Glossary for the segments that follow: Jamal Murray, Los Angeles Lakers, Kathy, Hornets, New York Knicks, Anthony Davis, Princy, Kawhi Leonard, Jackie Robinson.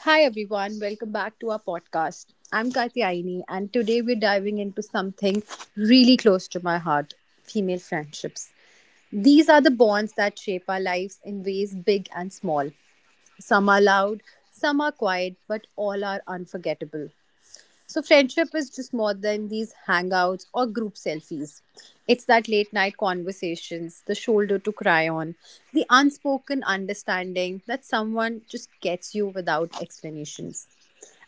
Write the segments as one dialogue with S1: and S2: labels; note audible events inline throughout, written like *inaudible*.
S1: Hi everyone, welcome back to our podcast. I'm Kathy and today we're diving into something really close to my heart, female friendships. These are the bonds that shape our lives in ways big and small. Some are loud, some are quiet, but all are unforgettable. So friendship is just more than these hangouts or group selfies. It's that late night conversations, the shoulder to cry on, the unspoken understanding that someone just gets you without explanations.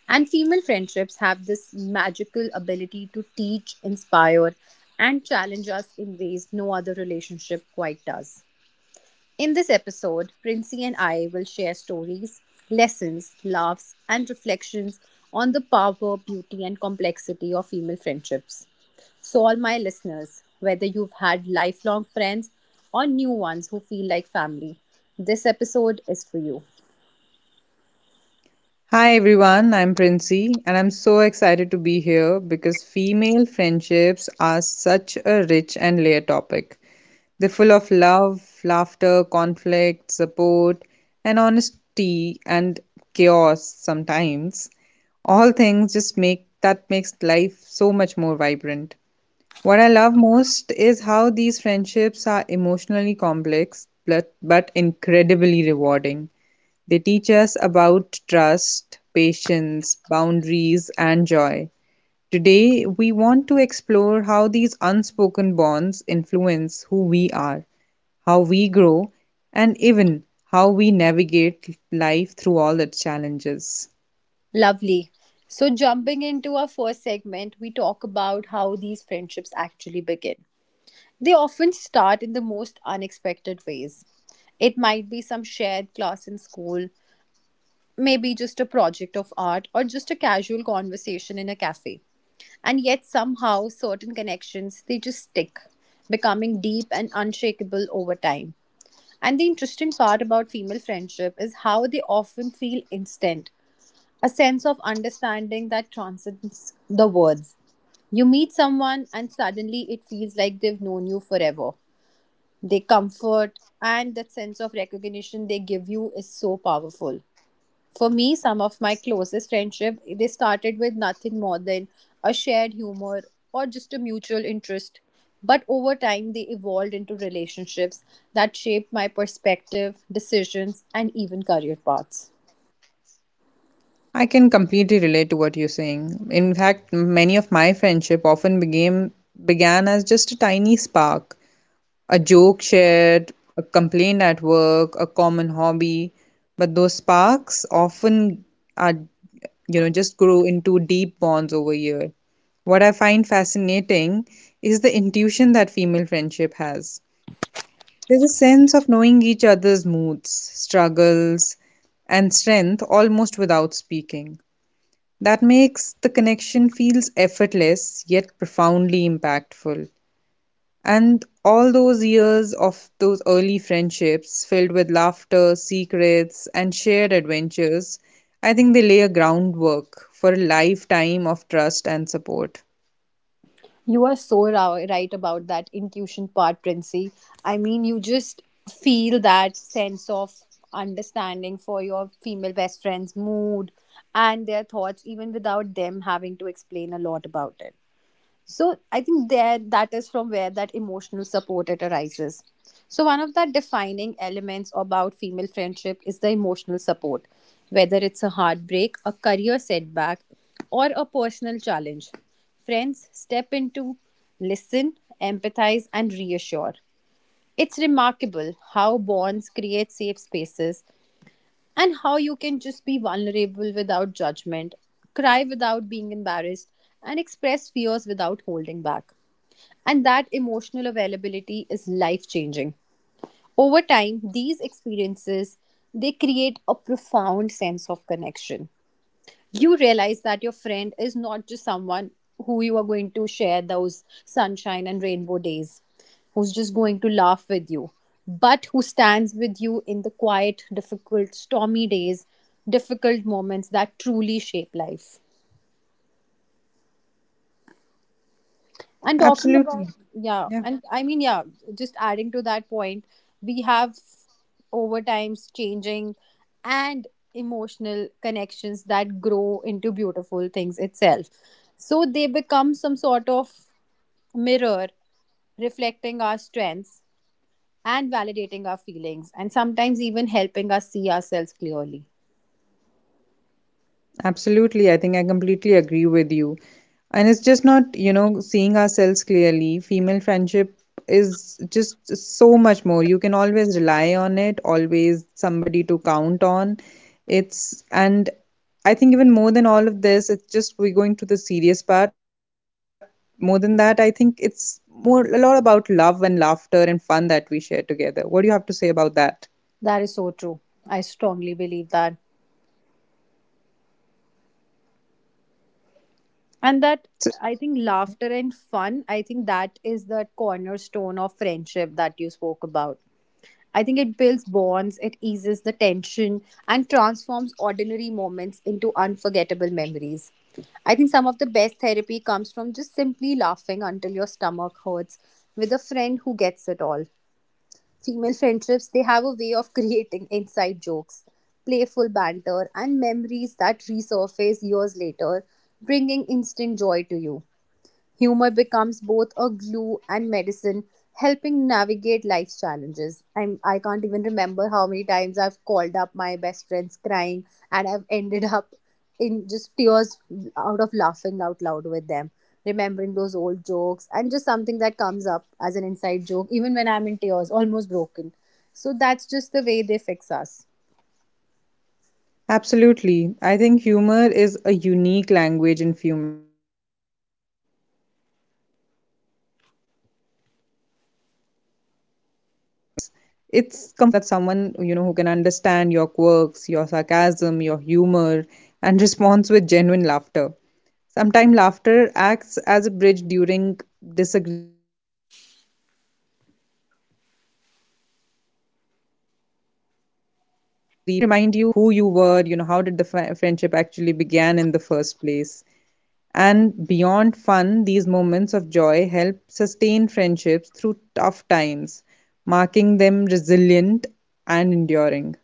S1: And female friendships have this magical ability to teach, inspire, and challenge us in ways no other relationship quite does. In this episode, Princy and I will share stories, lessons, laughs, and reflections on the power, beauty, and complexity of female friendships. So, all my listeners, whether you've had lifelong friends or new ones who feel like family, this episode is for you.
S2: Hi everyone, I'm Princy, and I'm so excited to be here because female friendships are such a rich and layered topic. They're full of love, laughter, conflict, support, and honesty and chaos sometimes. All things just makes life so much more vibrant. What I love most is how these friendships are emotionally complex but incredibly rewarding. They teach us about trust, patience, boundaries, and joy. Today, we want to explore how these unspoken bonds influence who we are, how we grow, and even how we navigate life through all its challenges.
S1: Lovely. So, jumping into our first segment, we talk about how these friendships actually begin. They often start in the most unexpected ways. It might be some shared class in school, maybe just a project of art, or just a casual conversation in a cafe. And yet, somehow, certain connections they just stick, becoming deep and unshakable over time. And the interesting part about female friendship is how they often feel instant, a sense of understanding that transcends the words. You meet someone, and suddenly it feels like they've known you forever. They comfort, and that sense of recognition they give you is so powerful. For me, some of my closest friendship they started with nothing more than a shared humor or just a mutual interest. But over time, they evolved into relationships that shaped my perspective, decisions, and even career paths.
S2: I can completely relate to what you're saying. In fact, many of my friendship often became began as just a tiny spark, a joke shared, a complaint at work, a common hobby, but those sparks often are, just grow into deep bonds over years. What I find fascinating is the intuition that female friendship has. There's a sense of knowing each other's moods, struggles, and strength almost without speaking. That makes the connection feels effortless yet profoundly impactful. And all those years of those early friendships filled with laughter, secrets, and shared adventures, I think they lay a groundwork for a lifetime of trust and support.
S1: You are so right about that intuition part, Princey. I mean, you just feel that sense of understanding for your female best friend's mood and their thoughts, even without them having to explain a lot about it. So I think there that is from where that emotional support it arises. So one of the defining elements about female friendship is the emotional support, whether it's a heartbreak, a career setback, or a personal challenge. Friends step into, listen, empathize, and reassure. It's remarkable how bonds create safe spaces and how you can just be vulnerable without judgment, cry without being embarrassed, and express fears without holding back. And that emotional availability is life changing. Over time, these experiences they create a profound sense of connection. You realize that your friend is not just someone who you are going to share those sunshine and rainbow days, who's just going to laugh with you, but who stands with you in the quiet, difficult, stormy days, difficult moments that truly shape life. And talking
S2: Absolutely.
S1: about, yeah,
S2: Yeah.
S1: and I mean, yeah, just adding to that point, we have over times changing and emotional connections that grow into beautiful things itself. So they become some sort of mirror reflecting our strengths and validating our feelings, and sometimes even helping us see ourselves clearly.
S2: Absolutely, I think I completely agree with you. And it's just not, seeing ourselves clearly. Female friendship is just so much more. You can always rely on it, always somebody to count on. It's, and I think even more than all of this, it's just we're going to the serious part. More than that, I think it's more a lot about love and laughter and fun that we share together. What do you have to say about that?
S1: That is so true. I strongly believe that. And that I think laughter and fun, I think that is the cornerstone of friendship that you spoke about. I think it builds bonds, it eases the tension and transforms ordinary moments into unforgettable memories. I think some of the best therapy comes from just simply laughing until your stomach hurts with a friend who gets it all. Female friendships, they have a way of *laughs* creating inside jokes, playful banter and memories that resurface years later, bringing instant joy to you. Humor becomes both a glue and medicine, helping navigate life's challenges. I can't even remember how many times I've called up my best friends crying and I've ended up in just tears out of laughing out loud with them, remembering those old jokes and just something that comes up as an inside joke, even when I'm in tears, almost broken. So that's just the way they fix us.
S2: Absolutely. I think humor is a unique language in female friendships. Even the smallest shared joke creates connections. It's comforting to know that someone, who can understand your quirks, your sarcasm, your humor, and *laughs* responds with genuine laughter. Sometimes laughter acts as a bridge during disagreements or most moments that are tense. A shared giggle can remind you like who you were, how did the friendship actually began in the first place. And beyond fun, these moments of joy help sustain friendships through tough times, marking them resilient and enduring.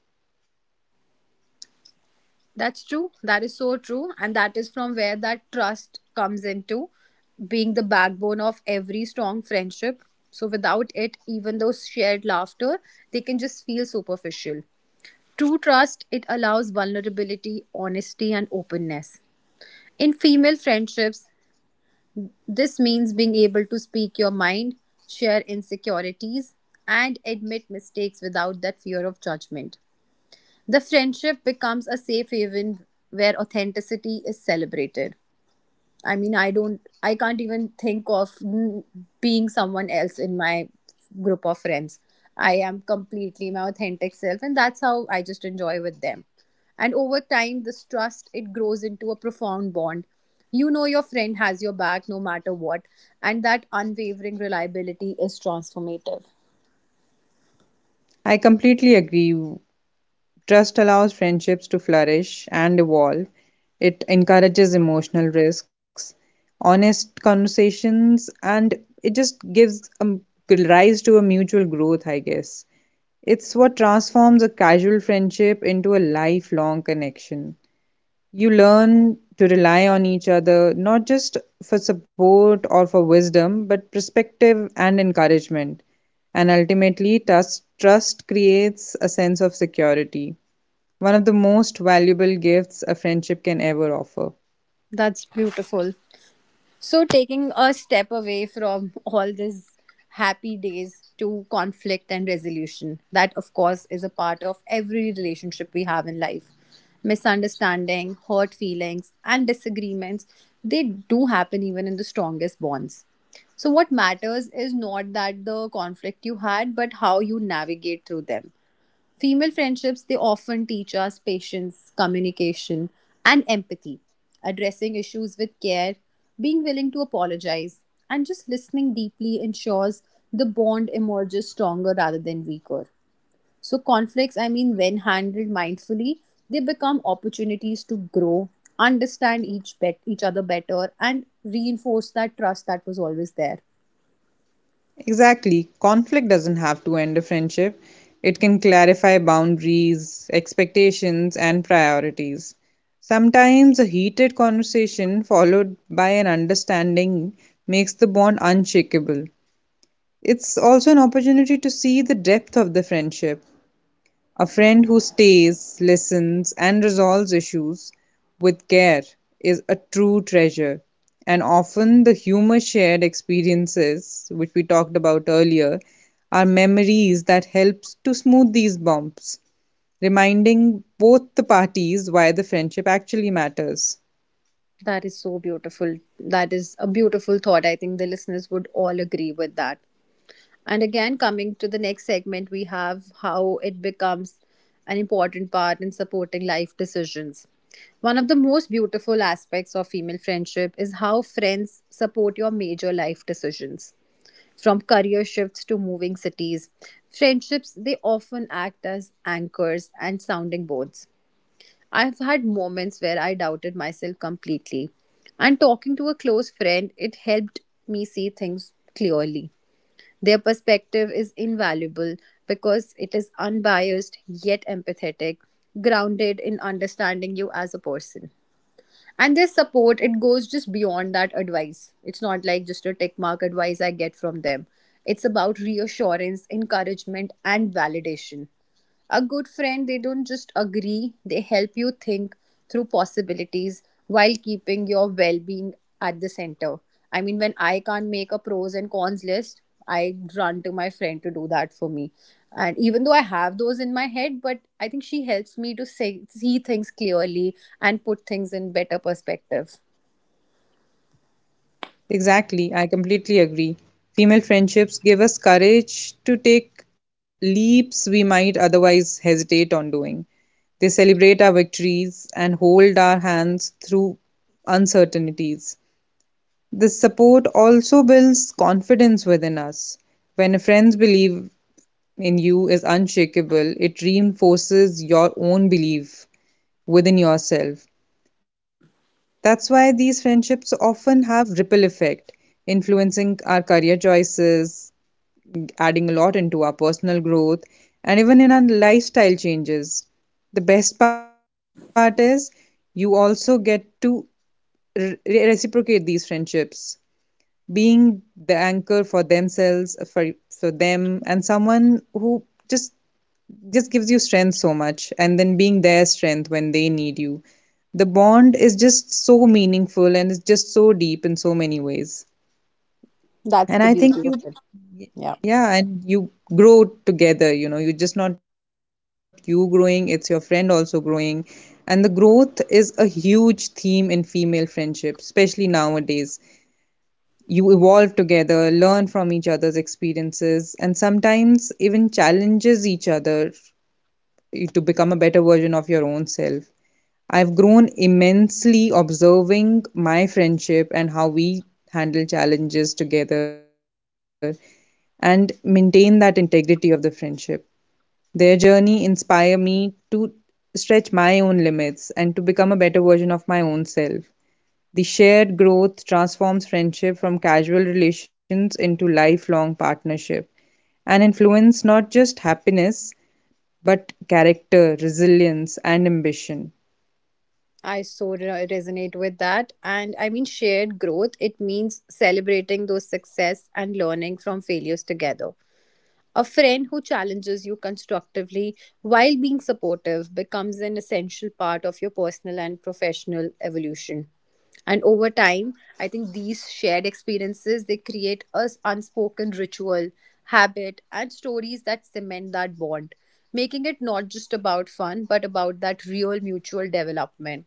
S1: That's true. That is so true. And that is from where that trust comes into being the backbone of every strong friendship. So without it, even those shared laughter, they can just feel superficial. True trust, it allows vulnerability, honesty, and openness. In female friendships, this means being able to speak your mind, share insecurities, and admit mistakes without that fear of judgment. The friendship becomes a safe haven where authenticity is celebrated. I mean, I can't even think of being someone else in my group of friends. I am completely my authentic self, and that's how I just enjoy with them. And over time, this trust it grows into a profound bond. You know your friend has your back no matter what, and that unwavering reliability is transformative.
S2: I completely agree. Trust allows friendships to flourish and evolve. It encourages emotional risks, honest conversations, and it just gives a rise to a mutual growth, I guess. It's what transforms a casual friendship into a lifelong connection. You learn to rely on each other, not just for support or for wisdom, but perspective and encouragement. And ultimately, trust creates a sense of security, one of the most valuable gifts a friendship can ever offer.
S1: That's beautiful. So, taking a step away from all these happy days to conflict and resolution, that of course is a part of every relationship we have in life. Misunderstanding, hurt feelings, and disagreements, they do happen even in the strongest bonds. So what matters is not that the conflict you had, but how you navigate through them. Female friendships, they often teach us patience, communication, and empathy, addressing issues with care, being willing to apologize, and just listening deeply ensures the bond emerges stronger rather than weaker. So, conflicts, I mean, when handled mindfully, they become opportunities to grow, understand each other better, and reinforce that trust that was always there.
S2: Exactly. Conflict doesn't have to end a friendship, it can clarify boundaries, expectations, and priorities. Sometimes a heated conversation followed by an understanding makes the bond unshakable. It's also an opportunity to see the depth of the friendship. A friend who stays, listens, and resolves issues with care is a true treasure. And often the humor shared experiences, which we talked about earlier, are memories that helps to smooth these bumps, reminding both the parties why the friendship actually matters.
S1: That is so beautiful. That is a beautiful thought. I think the listeners would all agree with that. And again, coming to the next segment, we have how it becomes an important part in supporting life decisions. One of the most beautiful aspects of female friendship is how friends support your major life decisions. From career shifts to moving cities, friendships they often act as anchors and sounding boards. I've had moments where I doubted myself completely, and talking to a close friend, it helped me see things clearly. Their perspective is invaluable because it is unbiased yet empathetic, grounded in understanding you as a person. And their support, it goes just beyond that advice. It's not like just a tick mark advice I get from them. It's about reassurance, encouragement, and validation. A good friend, they don't just agree, they help you think through possibilities while keeping your well being at the center. I mean, when I can't make a pros and cons list, I run to my friend to do that for me. And even though I have those in my head, but I think she helps me to say, see things clearly and put things in better perspective.
S2: Exactly, I completely agree. Female friendships give us courage to take leaps we might otherwise hesitate on doing. They celebrate our victories and hold our hands through uncertainties. This support also builds confidence within us. When a friend's belief in you is unshakable, it reinforces your own belief within yourself. That's why these friendships often have ripple effect, influencing our career choices, adding a lot into our personal growth, and even in our lifestyle changes. The best part is you also get to reciprocate these friendships, being the anchor for them, and someone who just just gives you strength so much, and then being their strength when they need you. The bond is just so meaningful and it's just so deep in so many ways.
S1: That's
S2: And
S1: the
S2: I
S1: beauty
S2: think
S1: of
S2: you,
S1: it. Yeah.
S2: yeah, and you grow together. You know, you're just not you growing, it's your friend also growing. And the growth is a huge theme in female friendship, especially nowadays. You evolve together, learn from each other's experiences, and sometimes even challenges each other to become a better version of your own self. I've grown immensely observing my friendship and how we handle challenges together and maintain that integrity of the friendship. Their journey inspire me to stretch my own limits and to become a better version of my own self. The shared growth transforms friendship from casual relations into lifelong partnership and influence not just happiness but character, resilience, and ambition.
S1: I so resonate with that. And I mean, shared growth, it means celebrating those success and learning from failures together. A friend who challenges you constructively while being supportive becomes an essential part of your personal and professional evolution. And over time, I think these shared experiences they create a s- unspoken ritual, habit, and stories that cement that bond, making it not just about fun but about that real mutual development.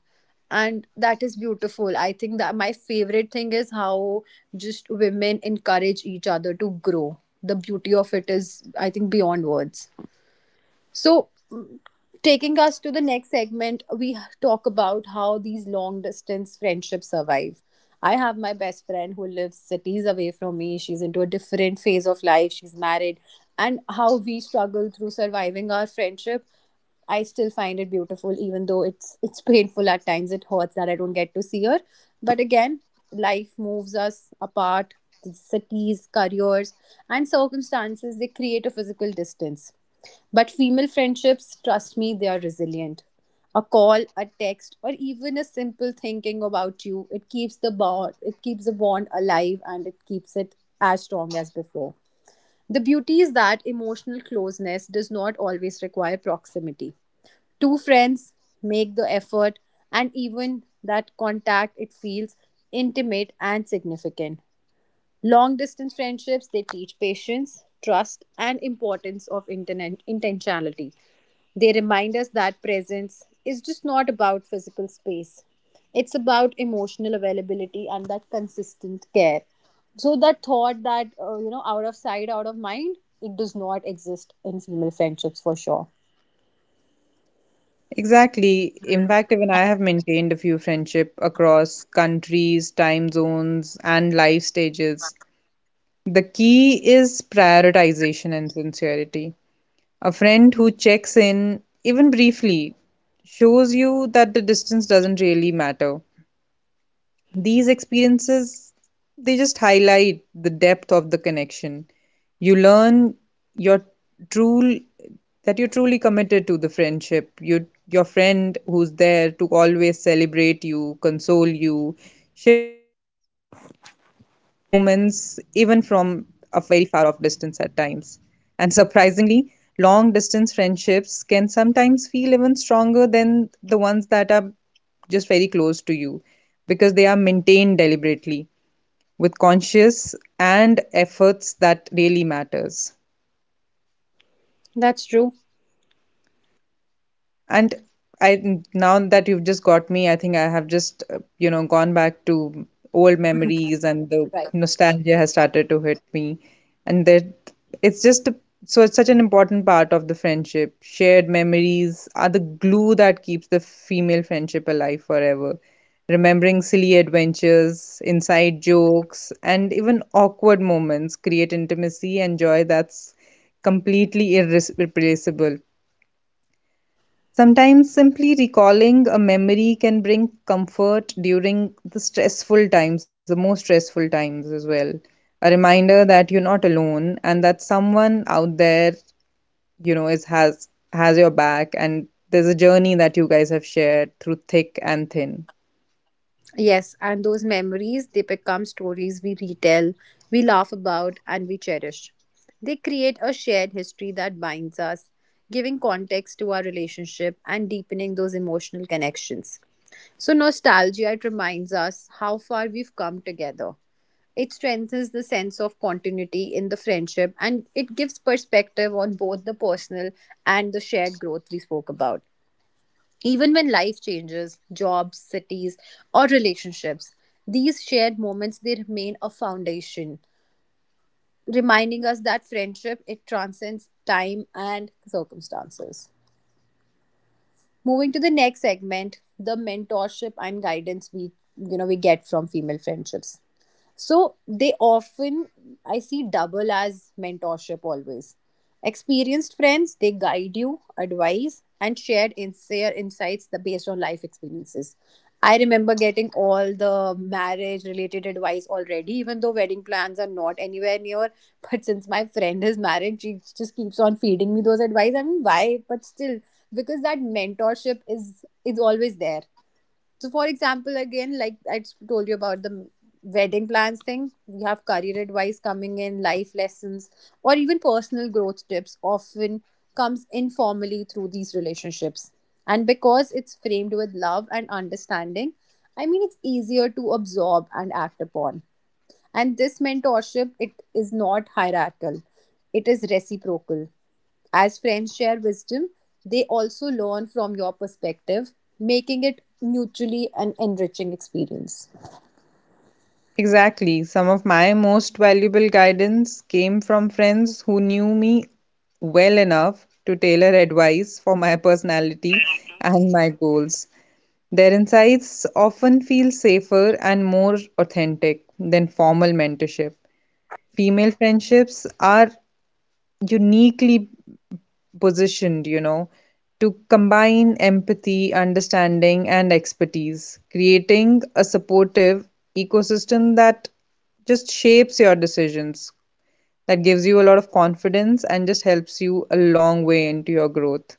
S1: And that is beautiful. I think that my favorite thing is how just women encourage each other to grow. The beauty of it is, I think, beyond words. So, taking us to the next segment, we talk about how these long distance friendships survive. I have my best friend who lives cities away from me. She's into a different phase of life. She's married. And how we struggle through surviving our friendship, I still find it beautiful, even though it's painful at times. It hurts that I don't get to see her. But again, life moves us apart. These cities, careers, and circumstances they create a physical distance, but female friendships, trust me, they are resilient. A call, a text, or even a simple thinking about you, it keeps the bond it keeps the bond alive and it keeps it as strong as before. The beauty is that emotional closeness does not always require proximity. Two friends make the effort and even that contact it feels intimate and significant. Long distance friendships they teach patience, trust and importance of internet intentionality. They remind us that presence is just not about physical space, it's about emotional availability and that consistent care. So, that thought that, you know, out of sight, out of mind, it does not exist in female friendships for sure.
S2: Exactly. In fact, even I have maintained a few friendship across countries, time zones, and life stages. The key is prioritization and sincerity. A friend who checks in, even briefly, shows you that the distance doesn't really matter. These experiences they just highlight the depth of the connection. You learn your true that you're truly committed to the friendship, you, your friend who's there to always celebrate you, console you, share the moments even from a very far off distance at times. And surprisingly, long distance friendships can sometimes feel even stronger than the ones that are just very close to you, because they are maintained deliberately, with conscious and efforts that really matters.
S1: That's true.
S2: And I now that you've just got me, I think I have just, gone back to old memories and the
S1: Right.
S2: nostalgia has started to hit me. And that it's just a, so it's such an important part of the friendship. Shared memories are the glue that keeps the female friendship alive forever. Remembering silly adventures, inside jokes, and even awkward moments create intimacy and joy that's completely irreplaceable. Sometimes simply recalling a memory can bring comfort during the stressful times, the most stressful times as well. A reminder that you're not alone and that someone out there, is, has your back, and there's a journey that you guys have shared through thick and thin.
S1: Yes, and those memories, they become stories we retell, we laugh about, and we cherish. They create a shared history that binds us, giving context to our relationship and deepening those emotional connections. So, nostalgia, it reminds us how far we've come together. It strengthens the sense of continuity in the friendship and it gives perspective on both the personal and the shared growth we spoke about. Even when life changes, jobs, cities, or relationships, these shared moments they remain a foundation, reminding us that friendship it transcends time and circumstances. Moving to the next segment, the mentorship and guidance we we get from female friendships. So they often, I see, double as mentorship always. Experienced friends, they guide you, advise, and share in insights the based on life experiences. I remember getting all the marriage related advice already, even though wedding plans are not anywhere near. *laughs* But since my friend is married, she just keeps on feeding me those advice. I mean, why? But still, because that mentorship is always there. So, for example, again, like I just told you about the wedding plans thing, we have career advice coming in, life lessons, or even personal growth tips often comes informally through these relationships. And because it's framed with love and understanding, I mean, it's easier to absorb and act upon. And this mentorship, it is not hierarchical, it is reciprocal. As friends share wisdom, they also learn from your perspective, making it mutually an enriching experience.
S2: Exactly. Some of my most valuable guidance came from friends who knew me well enough to tailor advice for my personality and my goals. Their insights often feel safer and more authentic than formal mentorship. Female friendships are uniquely positioned, to combine empathy, understanding, and expertise, creating a supportive ecosystem that just shapes your decisions, that gives you a lot of confidence and just helps you a long way into your growth.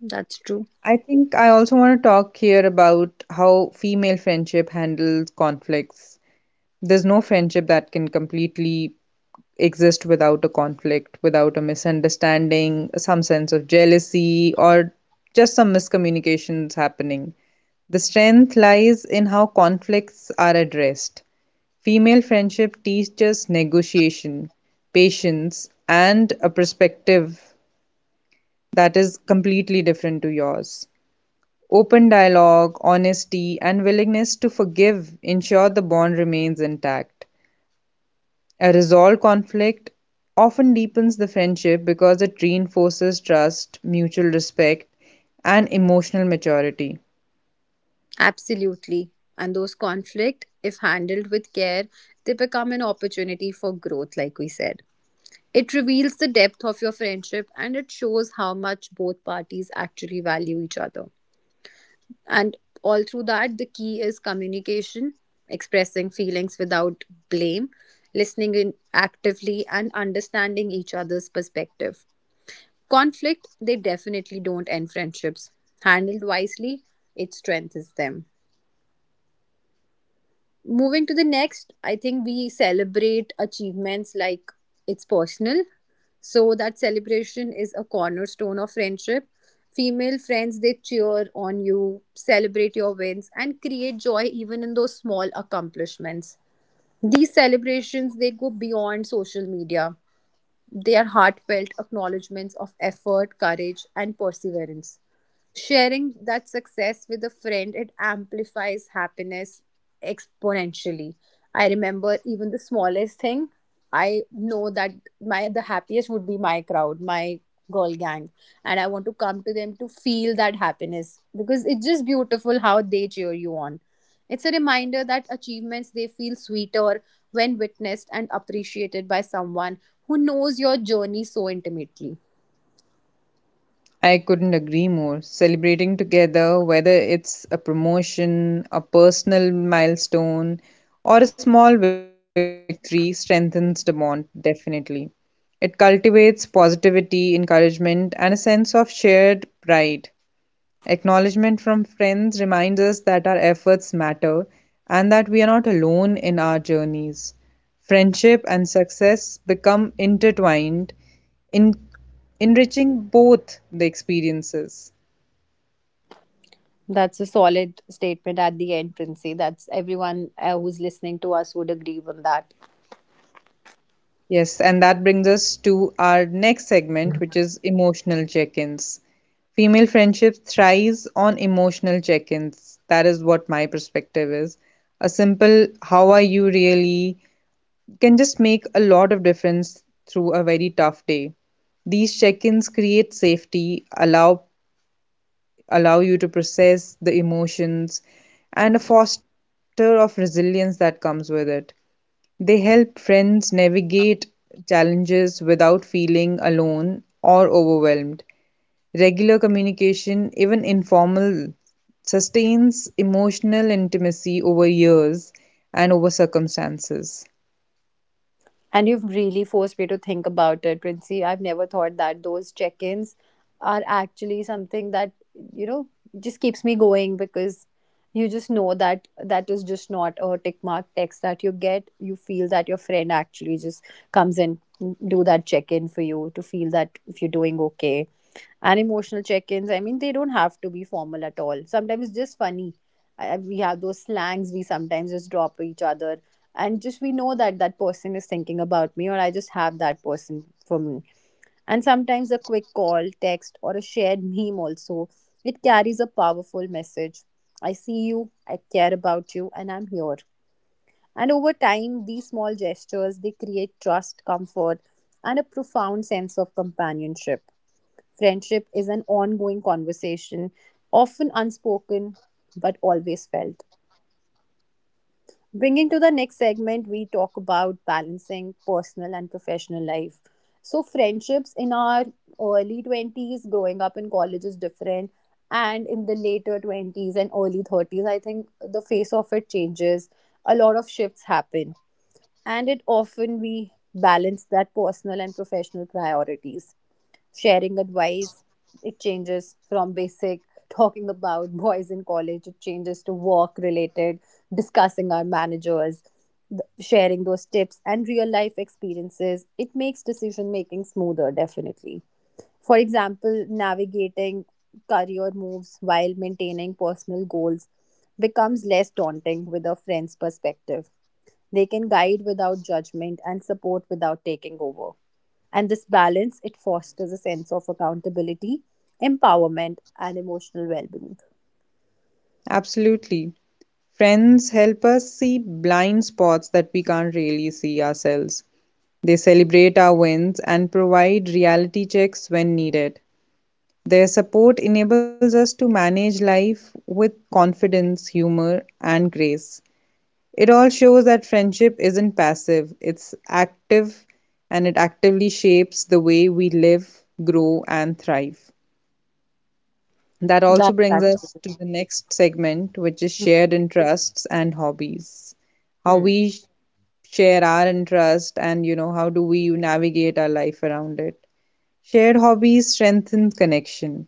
S1: That's true.
S2: I think I also want to talk here about how female friendship handles conflicts. There's no friendship that can completely exist without a conflict, without a misunderstanding, some sense of jealousy, or just some miscommunications happening. The strength lies in how conflicts are addressed. Female friendship teaches negotiation, patience, and a perspective that is completely different to yours. Open dialogue, honesty, and willingness to forgive ensure the bond remains intact. A resolved conflict often deepens the friendship because it reinforces trust, mutual respect, and emotional maturity.
S1: Absolutely. And those conflict, if handled with care, they become an opportunity for growth, like we said. It reveals the depth of your friendship and it shows how much both parties actually value each other. And all through that, the key is communication, expressing feelings without blame, listening in actively, and understanding each other's perspective. Conflict, they definitely don't end friendships. Handled wisely, it strengthens them. Moving to the next, I think we celebrate achievements like it's personal. So that celebration is a cornerstone of friendship. Female friends, they cheer on you, celebrate your wins, and create joy even in those small accomplishments. These celebrations, they go beyond social media. They are heartfelt acknowledgments of effort, courage, and perseverance. Sharing that success with a friend, it amplifies happiness exponentially. I remember even the smallest thing, I know that my the happiest would be my crowd, my girl gang. And I want to come to them to feel that happiness because it's just beautiful how they cheer you on. It's a reminder that achievements they feel sweeter when witnessed and appreciated by someone who knows your journey so intimately.
S2: I couldn't agree more. Celebrating together, whether it's a promotion, a personal milestone, or a small victory, strengthens the bond, definitely. It cultivates positivity, encouragement, and a sense of shared pride. Acknowledgement from friends reminds us that our efforts matter and that we are not alone in our journeys. Friendship and success become intertwined, in, enriching both the experiences.
S1: That's a solid statement at the end, Princey. That's everyone who's listening to us would agree on that.
S2: Yes, and that brings us to our next segment, which is emotional check ins. Female friendship thrives on emotional check ins. That is what my perspective is. A simple, how are you really? Can just make a lot of difference through a very tough day. These check-ins create safety, allow you to process the emotions and a foster of resilience that comes with it. They help friends navigate challenges without feeling alone or overwhelmed. Regular communication, even informal, sustains emotional intimacy over years and over circumstances.
S1: And you've really forced me to think about it, Princey. I've never thought that those check ins are actually something that, you know, just keeps me going because you just know that that is just not a tick mark text that you get. You feel that your friend actually just comes and do that check in for you to feel that if you're doing okay and emotional check-ins. I mean, they don't have to be formal at all. Sometimes it's just funny. We have those slangs we sometimes just drop for each other, and just we know that that person is thinking about me, or I just have that person for me. And sometimes a quick call, text, or a shared meme also it carries a powerful message. I see you, I care about you, and I'm here. And over time, these small gestures they create trust, comfort, and a profound sense of companionship. Friendship is an ongoing conversation, often unspoken but always felt. Bringing to the next segment, we talk about balancing personal and professional life. So, friendships in our early 20s, growing up in college is different. And in the later 20s and early 30s, I think the face of it changes. A lot of shifts happen. And it often we balance that personal and professional priorities sharing advice. It changes from basic talking about boys in college, it changes to work related, discussing our managers, sharing those tips and real life experiences. It makes decision making smoother, definitely. For example, navigating career moves while maintaining personal goals becomes less daunting with a friend's perspective. They can guide without judgment and support without taking over. And this balance it fosters a sense of accountability, empowerment, and emotional well-being.
S2: Absolutely. Friends help us see blind spots that we can't really see ourselves. They celebrate our wins and provide reality checks when needed. Their support enables us to manage life with confidence, humor, and grace. It all shows that friendship isn't passive, it's active and it actively shapes the way we live, grow, and thrive. That also
S1: That
S2: brings
S1: that,
S2: us to the next segment, which is shared interests and hobbies. How
S1: hmm,
S2: we share our interest and, how do we navigate our life around it. Shared hobbies strengthen connection,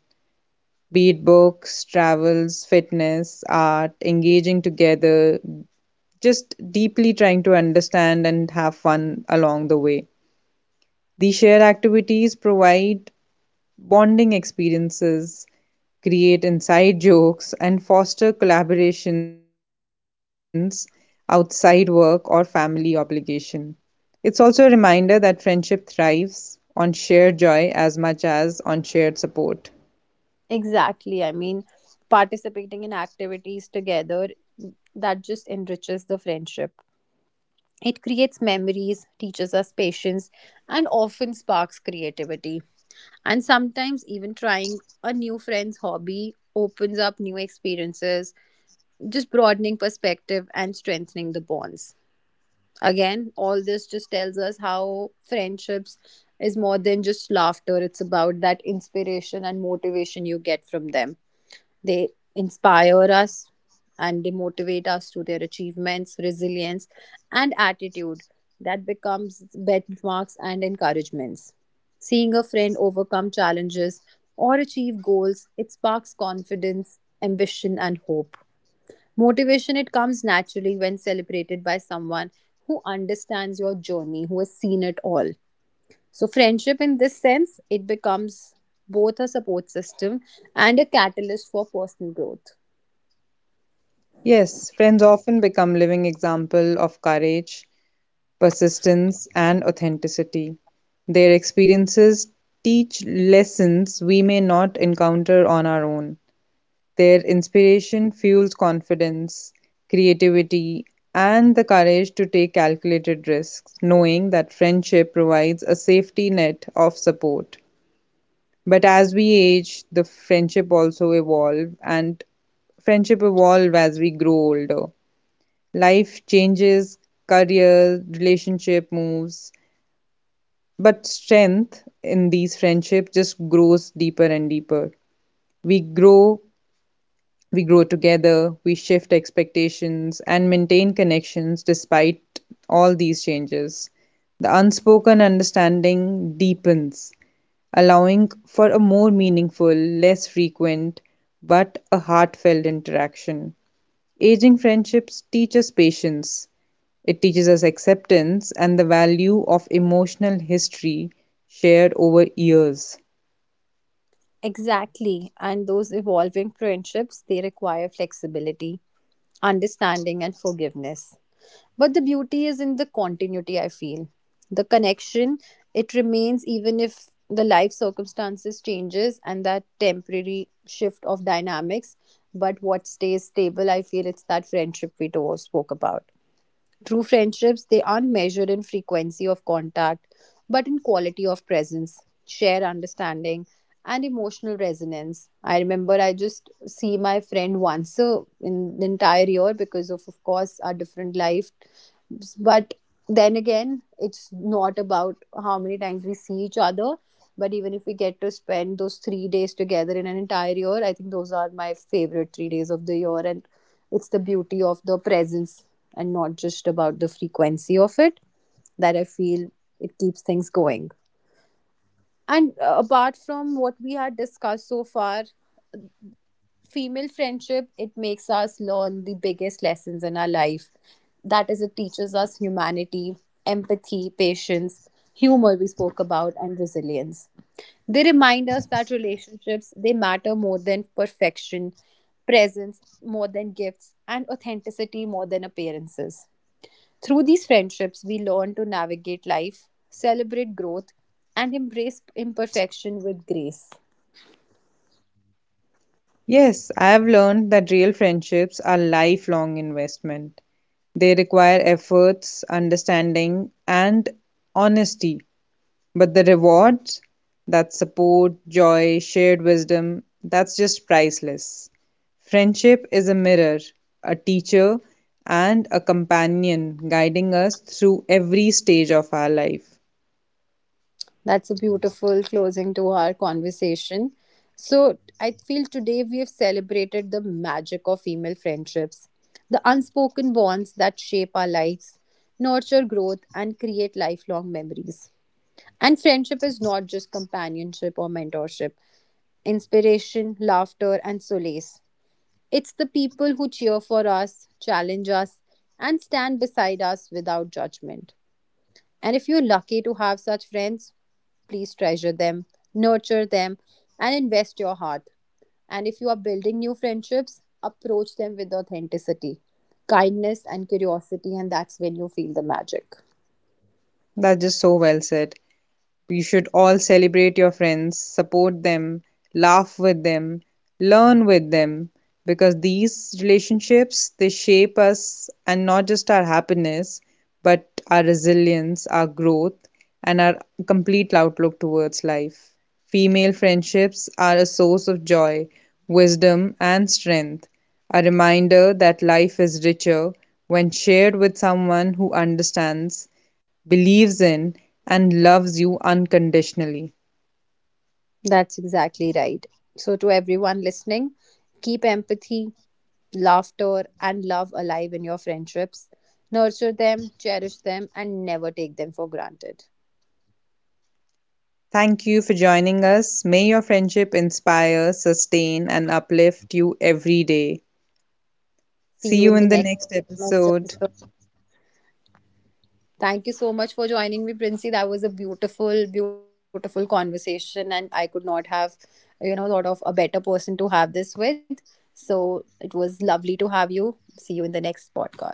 S2: be it books, travels, fitness, art, engaging together, just deeply trying to understand and have fun along the way. These shared activities provide bonding experiences, create inside jokes, and foster collaborations outside work or family obligation. It's also a reminder that friendship thrives on shared joy as much as on shared support.
S1: exactly. I mean, participating in activities together that just enriches the friendship. It creates memories, teaches us patience, and often sparks creativity. And sometimes, even trying a new friend's hobby opens up new experiences, just broadening perspective and strengthening the bonds. Again, all this just tells us how friendships is more than just laughter. It's about that inspiration and motivation you get from them. They inspire us and they motivate us through their achievements, resilience, and attitude that becomes benchmarks and encouragements. Seeing a friend overcome challenges or achieve goals, it sparks confidence, ambition, and hope. Motivation, it comes naturally when celebrated by someone who understands your journey, who has seen it all. So, friendship in this sense, it becomes both a support system and a catalyst for personal growth.
S2: Yes, friends often become living example of courage, persistence, and authenticity. Their experiences teach lessons we may not encounter on our own. Their inspiration fuels confidence, creativity, and the courage to take calculated risks, knowing that friendship provides a safety net of support. But as we age, the friendship also evolve and friendship evolve as we grow older. Life changes, career, relationship moves, but strength in these friendships just grows deeper and deeper. We grow We grow together, we shift expectations, and maintain connections despite all these changes. The unspoken understanding deepens, allowing for a more meaningful, less frequent, but a heartfelt interaction. Aging friendships teach us patience, it teaches us acceptance and the value of emotional history shared over years.
S1: Exactly. And those evolving friendships, they require flexibility, understanding, and forgiveness. But the beauty is in the continuity, I feel. The connection, it remains even if the life circumstances changes and that temporary shift of dynamics. But what stays stable, I feel it's that friendship we do spoke about. True friendships, they aren't measured in frequency of contact, but in quality of presence, shared understanding, and emotional resonance. I remember I just see my friend once a, in the entire year because of course, our different life. But then again, it's not about how many times we see each other. But even if we get to spend those 3 days together in an entire year, I think those are my favorite 3 days of the year. And it's the beauty of the presence and not just about the frequency of it that I feel it keeps things going. And apart from what we had discussed so far, female friendship it makes us learn the biggest lessons in our life, that is it teaches us humanity, empathy, patience, humor we spoke about, and resilience. They remind us that relationships they matter more than perfection, presence more than gifts, and authenticity more than appearances. Through these friendships we learn to navigate life, celebrate growth, and embrace imperfection with grace.
S2: Yes, I've learned that real friendships are lifelong investment. They require efforts, understanding, and honesty. But the rewards, that support, joy, shared wisdom, that's just priceless. Friendship is a mirror, a teacher, and a companion guiding us through every stage of our life.
S1: That's a beautiful closing to our conversation. So, I feel today we have celebrated the magic of female friendships, the unspoken bonds that shape our lives, nurture growth, and create lifelong memories. And friendship is not just companionship or mentorship, inspiration, laughter, and solace. It's the people who cheer for us, challenge us, and stand beside us without judgment. And if you're lucky to have such friends, please treasure them, nurture them, and invest your heart. And if you are building new friendships, approach them with authenticity, kindness, and curiosity, and that's when you feel the magic.
S2: That's just so well said. We should all celebrate your friends, support them, laugh with them, learn with them, because these relationships they shape us and not just our happiness but our resilience, our growth and our complete outlook towards life. Female friendships are a source of joy, wisdom and strength, a reminder that life is richer when shared with someone who understands, believes in, and loves you unconditionally.
S1: That's exactly right. So, to everyone listening, keep empathy, laughter, and love alive in your friendships. Nurture them, cherish them, and never take them for granted.
S2: Thank you for joining us. May your friendship inspire, sustain, and uplift you every day.
S1: See
S2: See
S1: you
S2: you
S1: in the
S2: in the
S1: next
S2: next
S1: next
S2: episode.
S1: episode. Thank you so much for joining me, Princey. That was a beautiful, beautiful conversation, and I could not have, you know, thought of a better person to have this with. So it was lovely to have you. See you in the next podcast.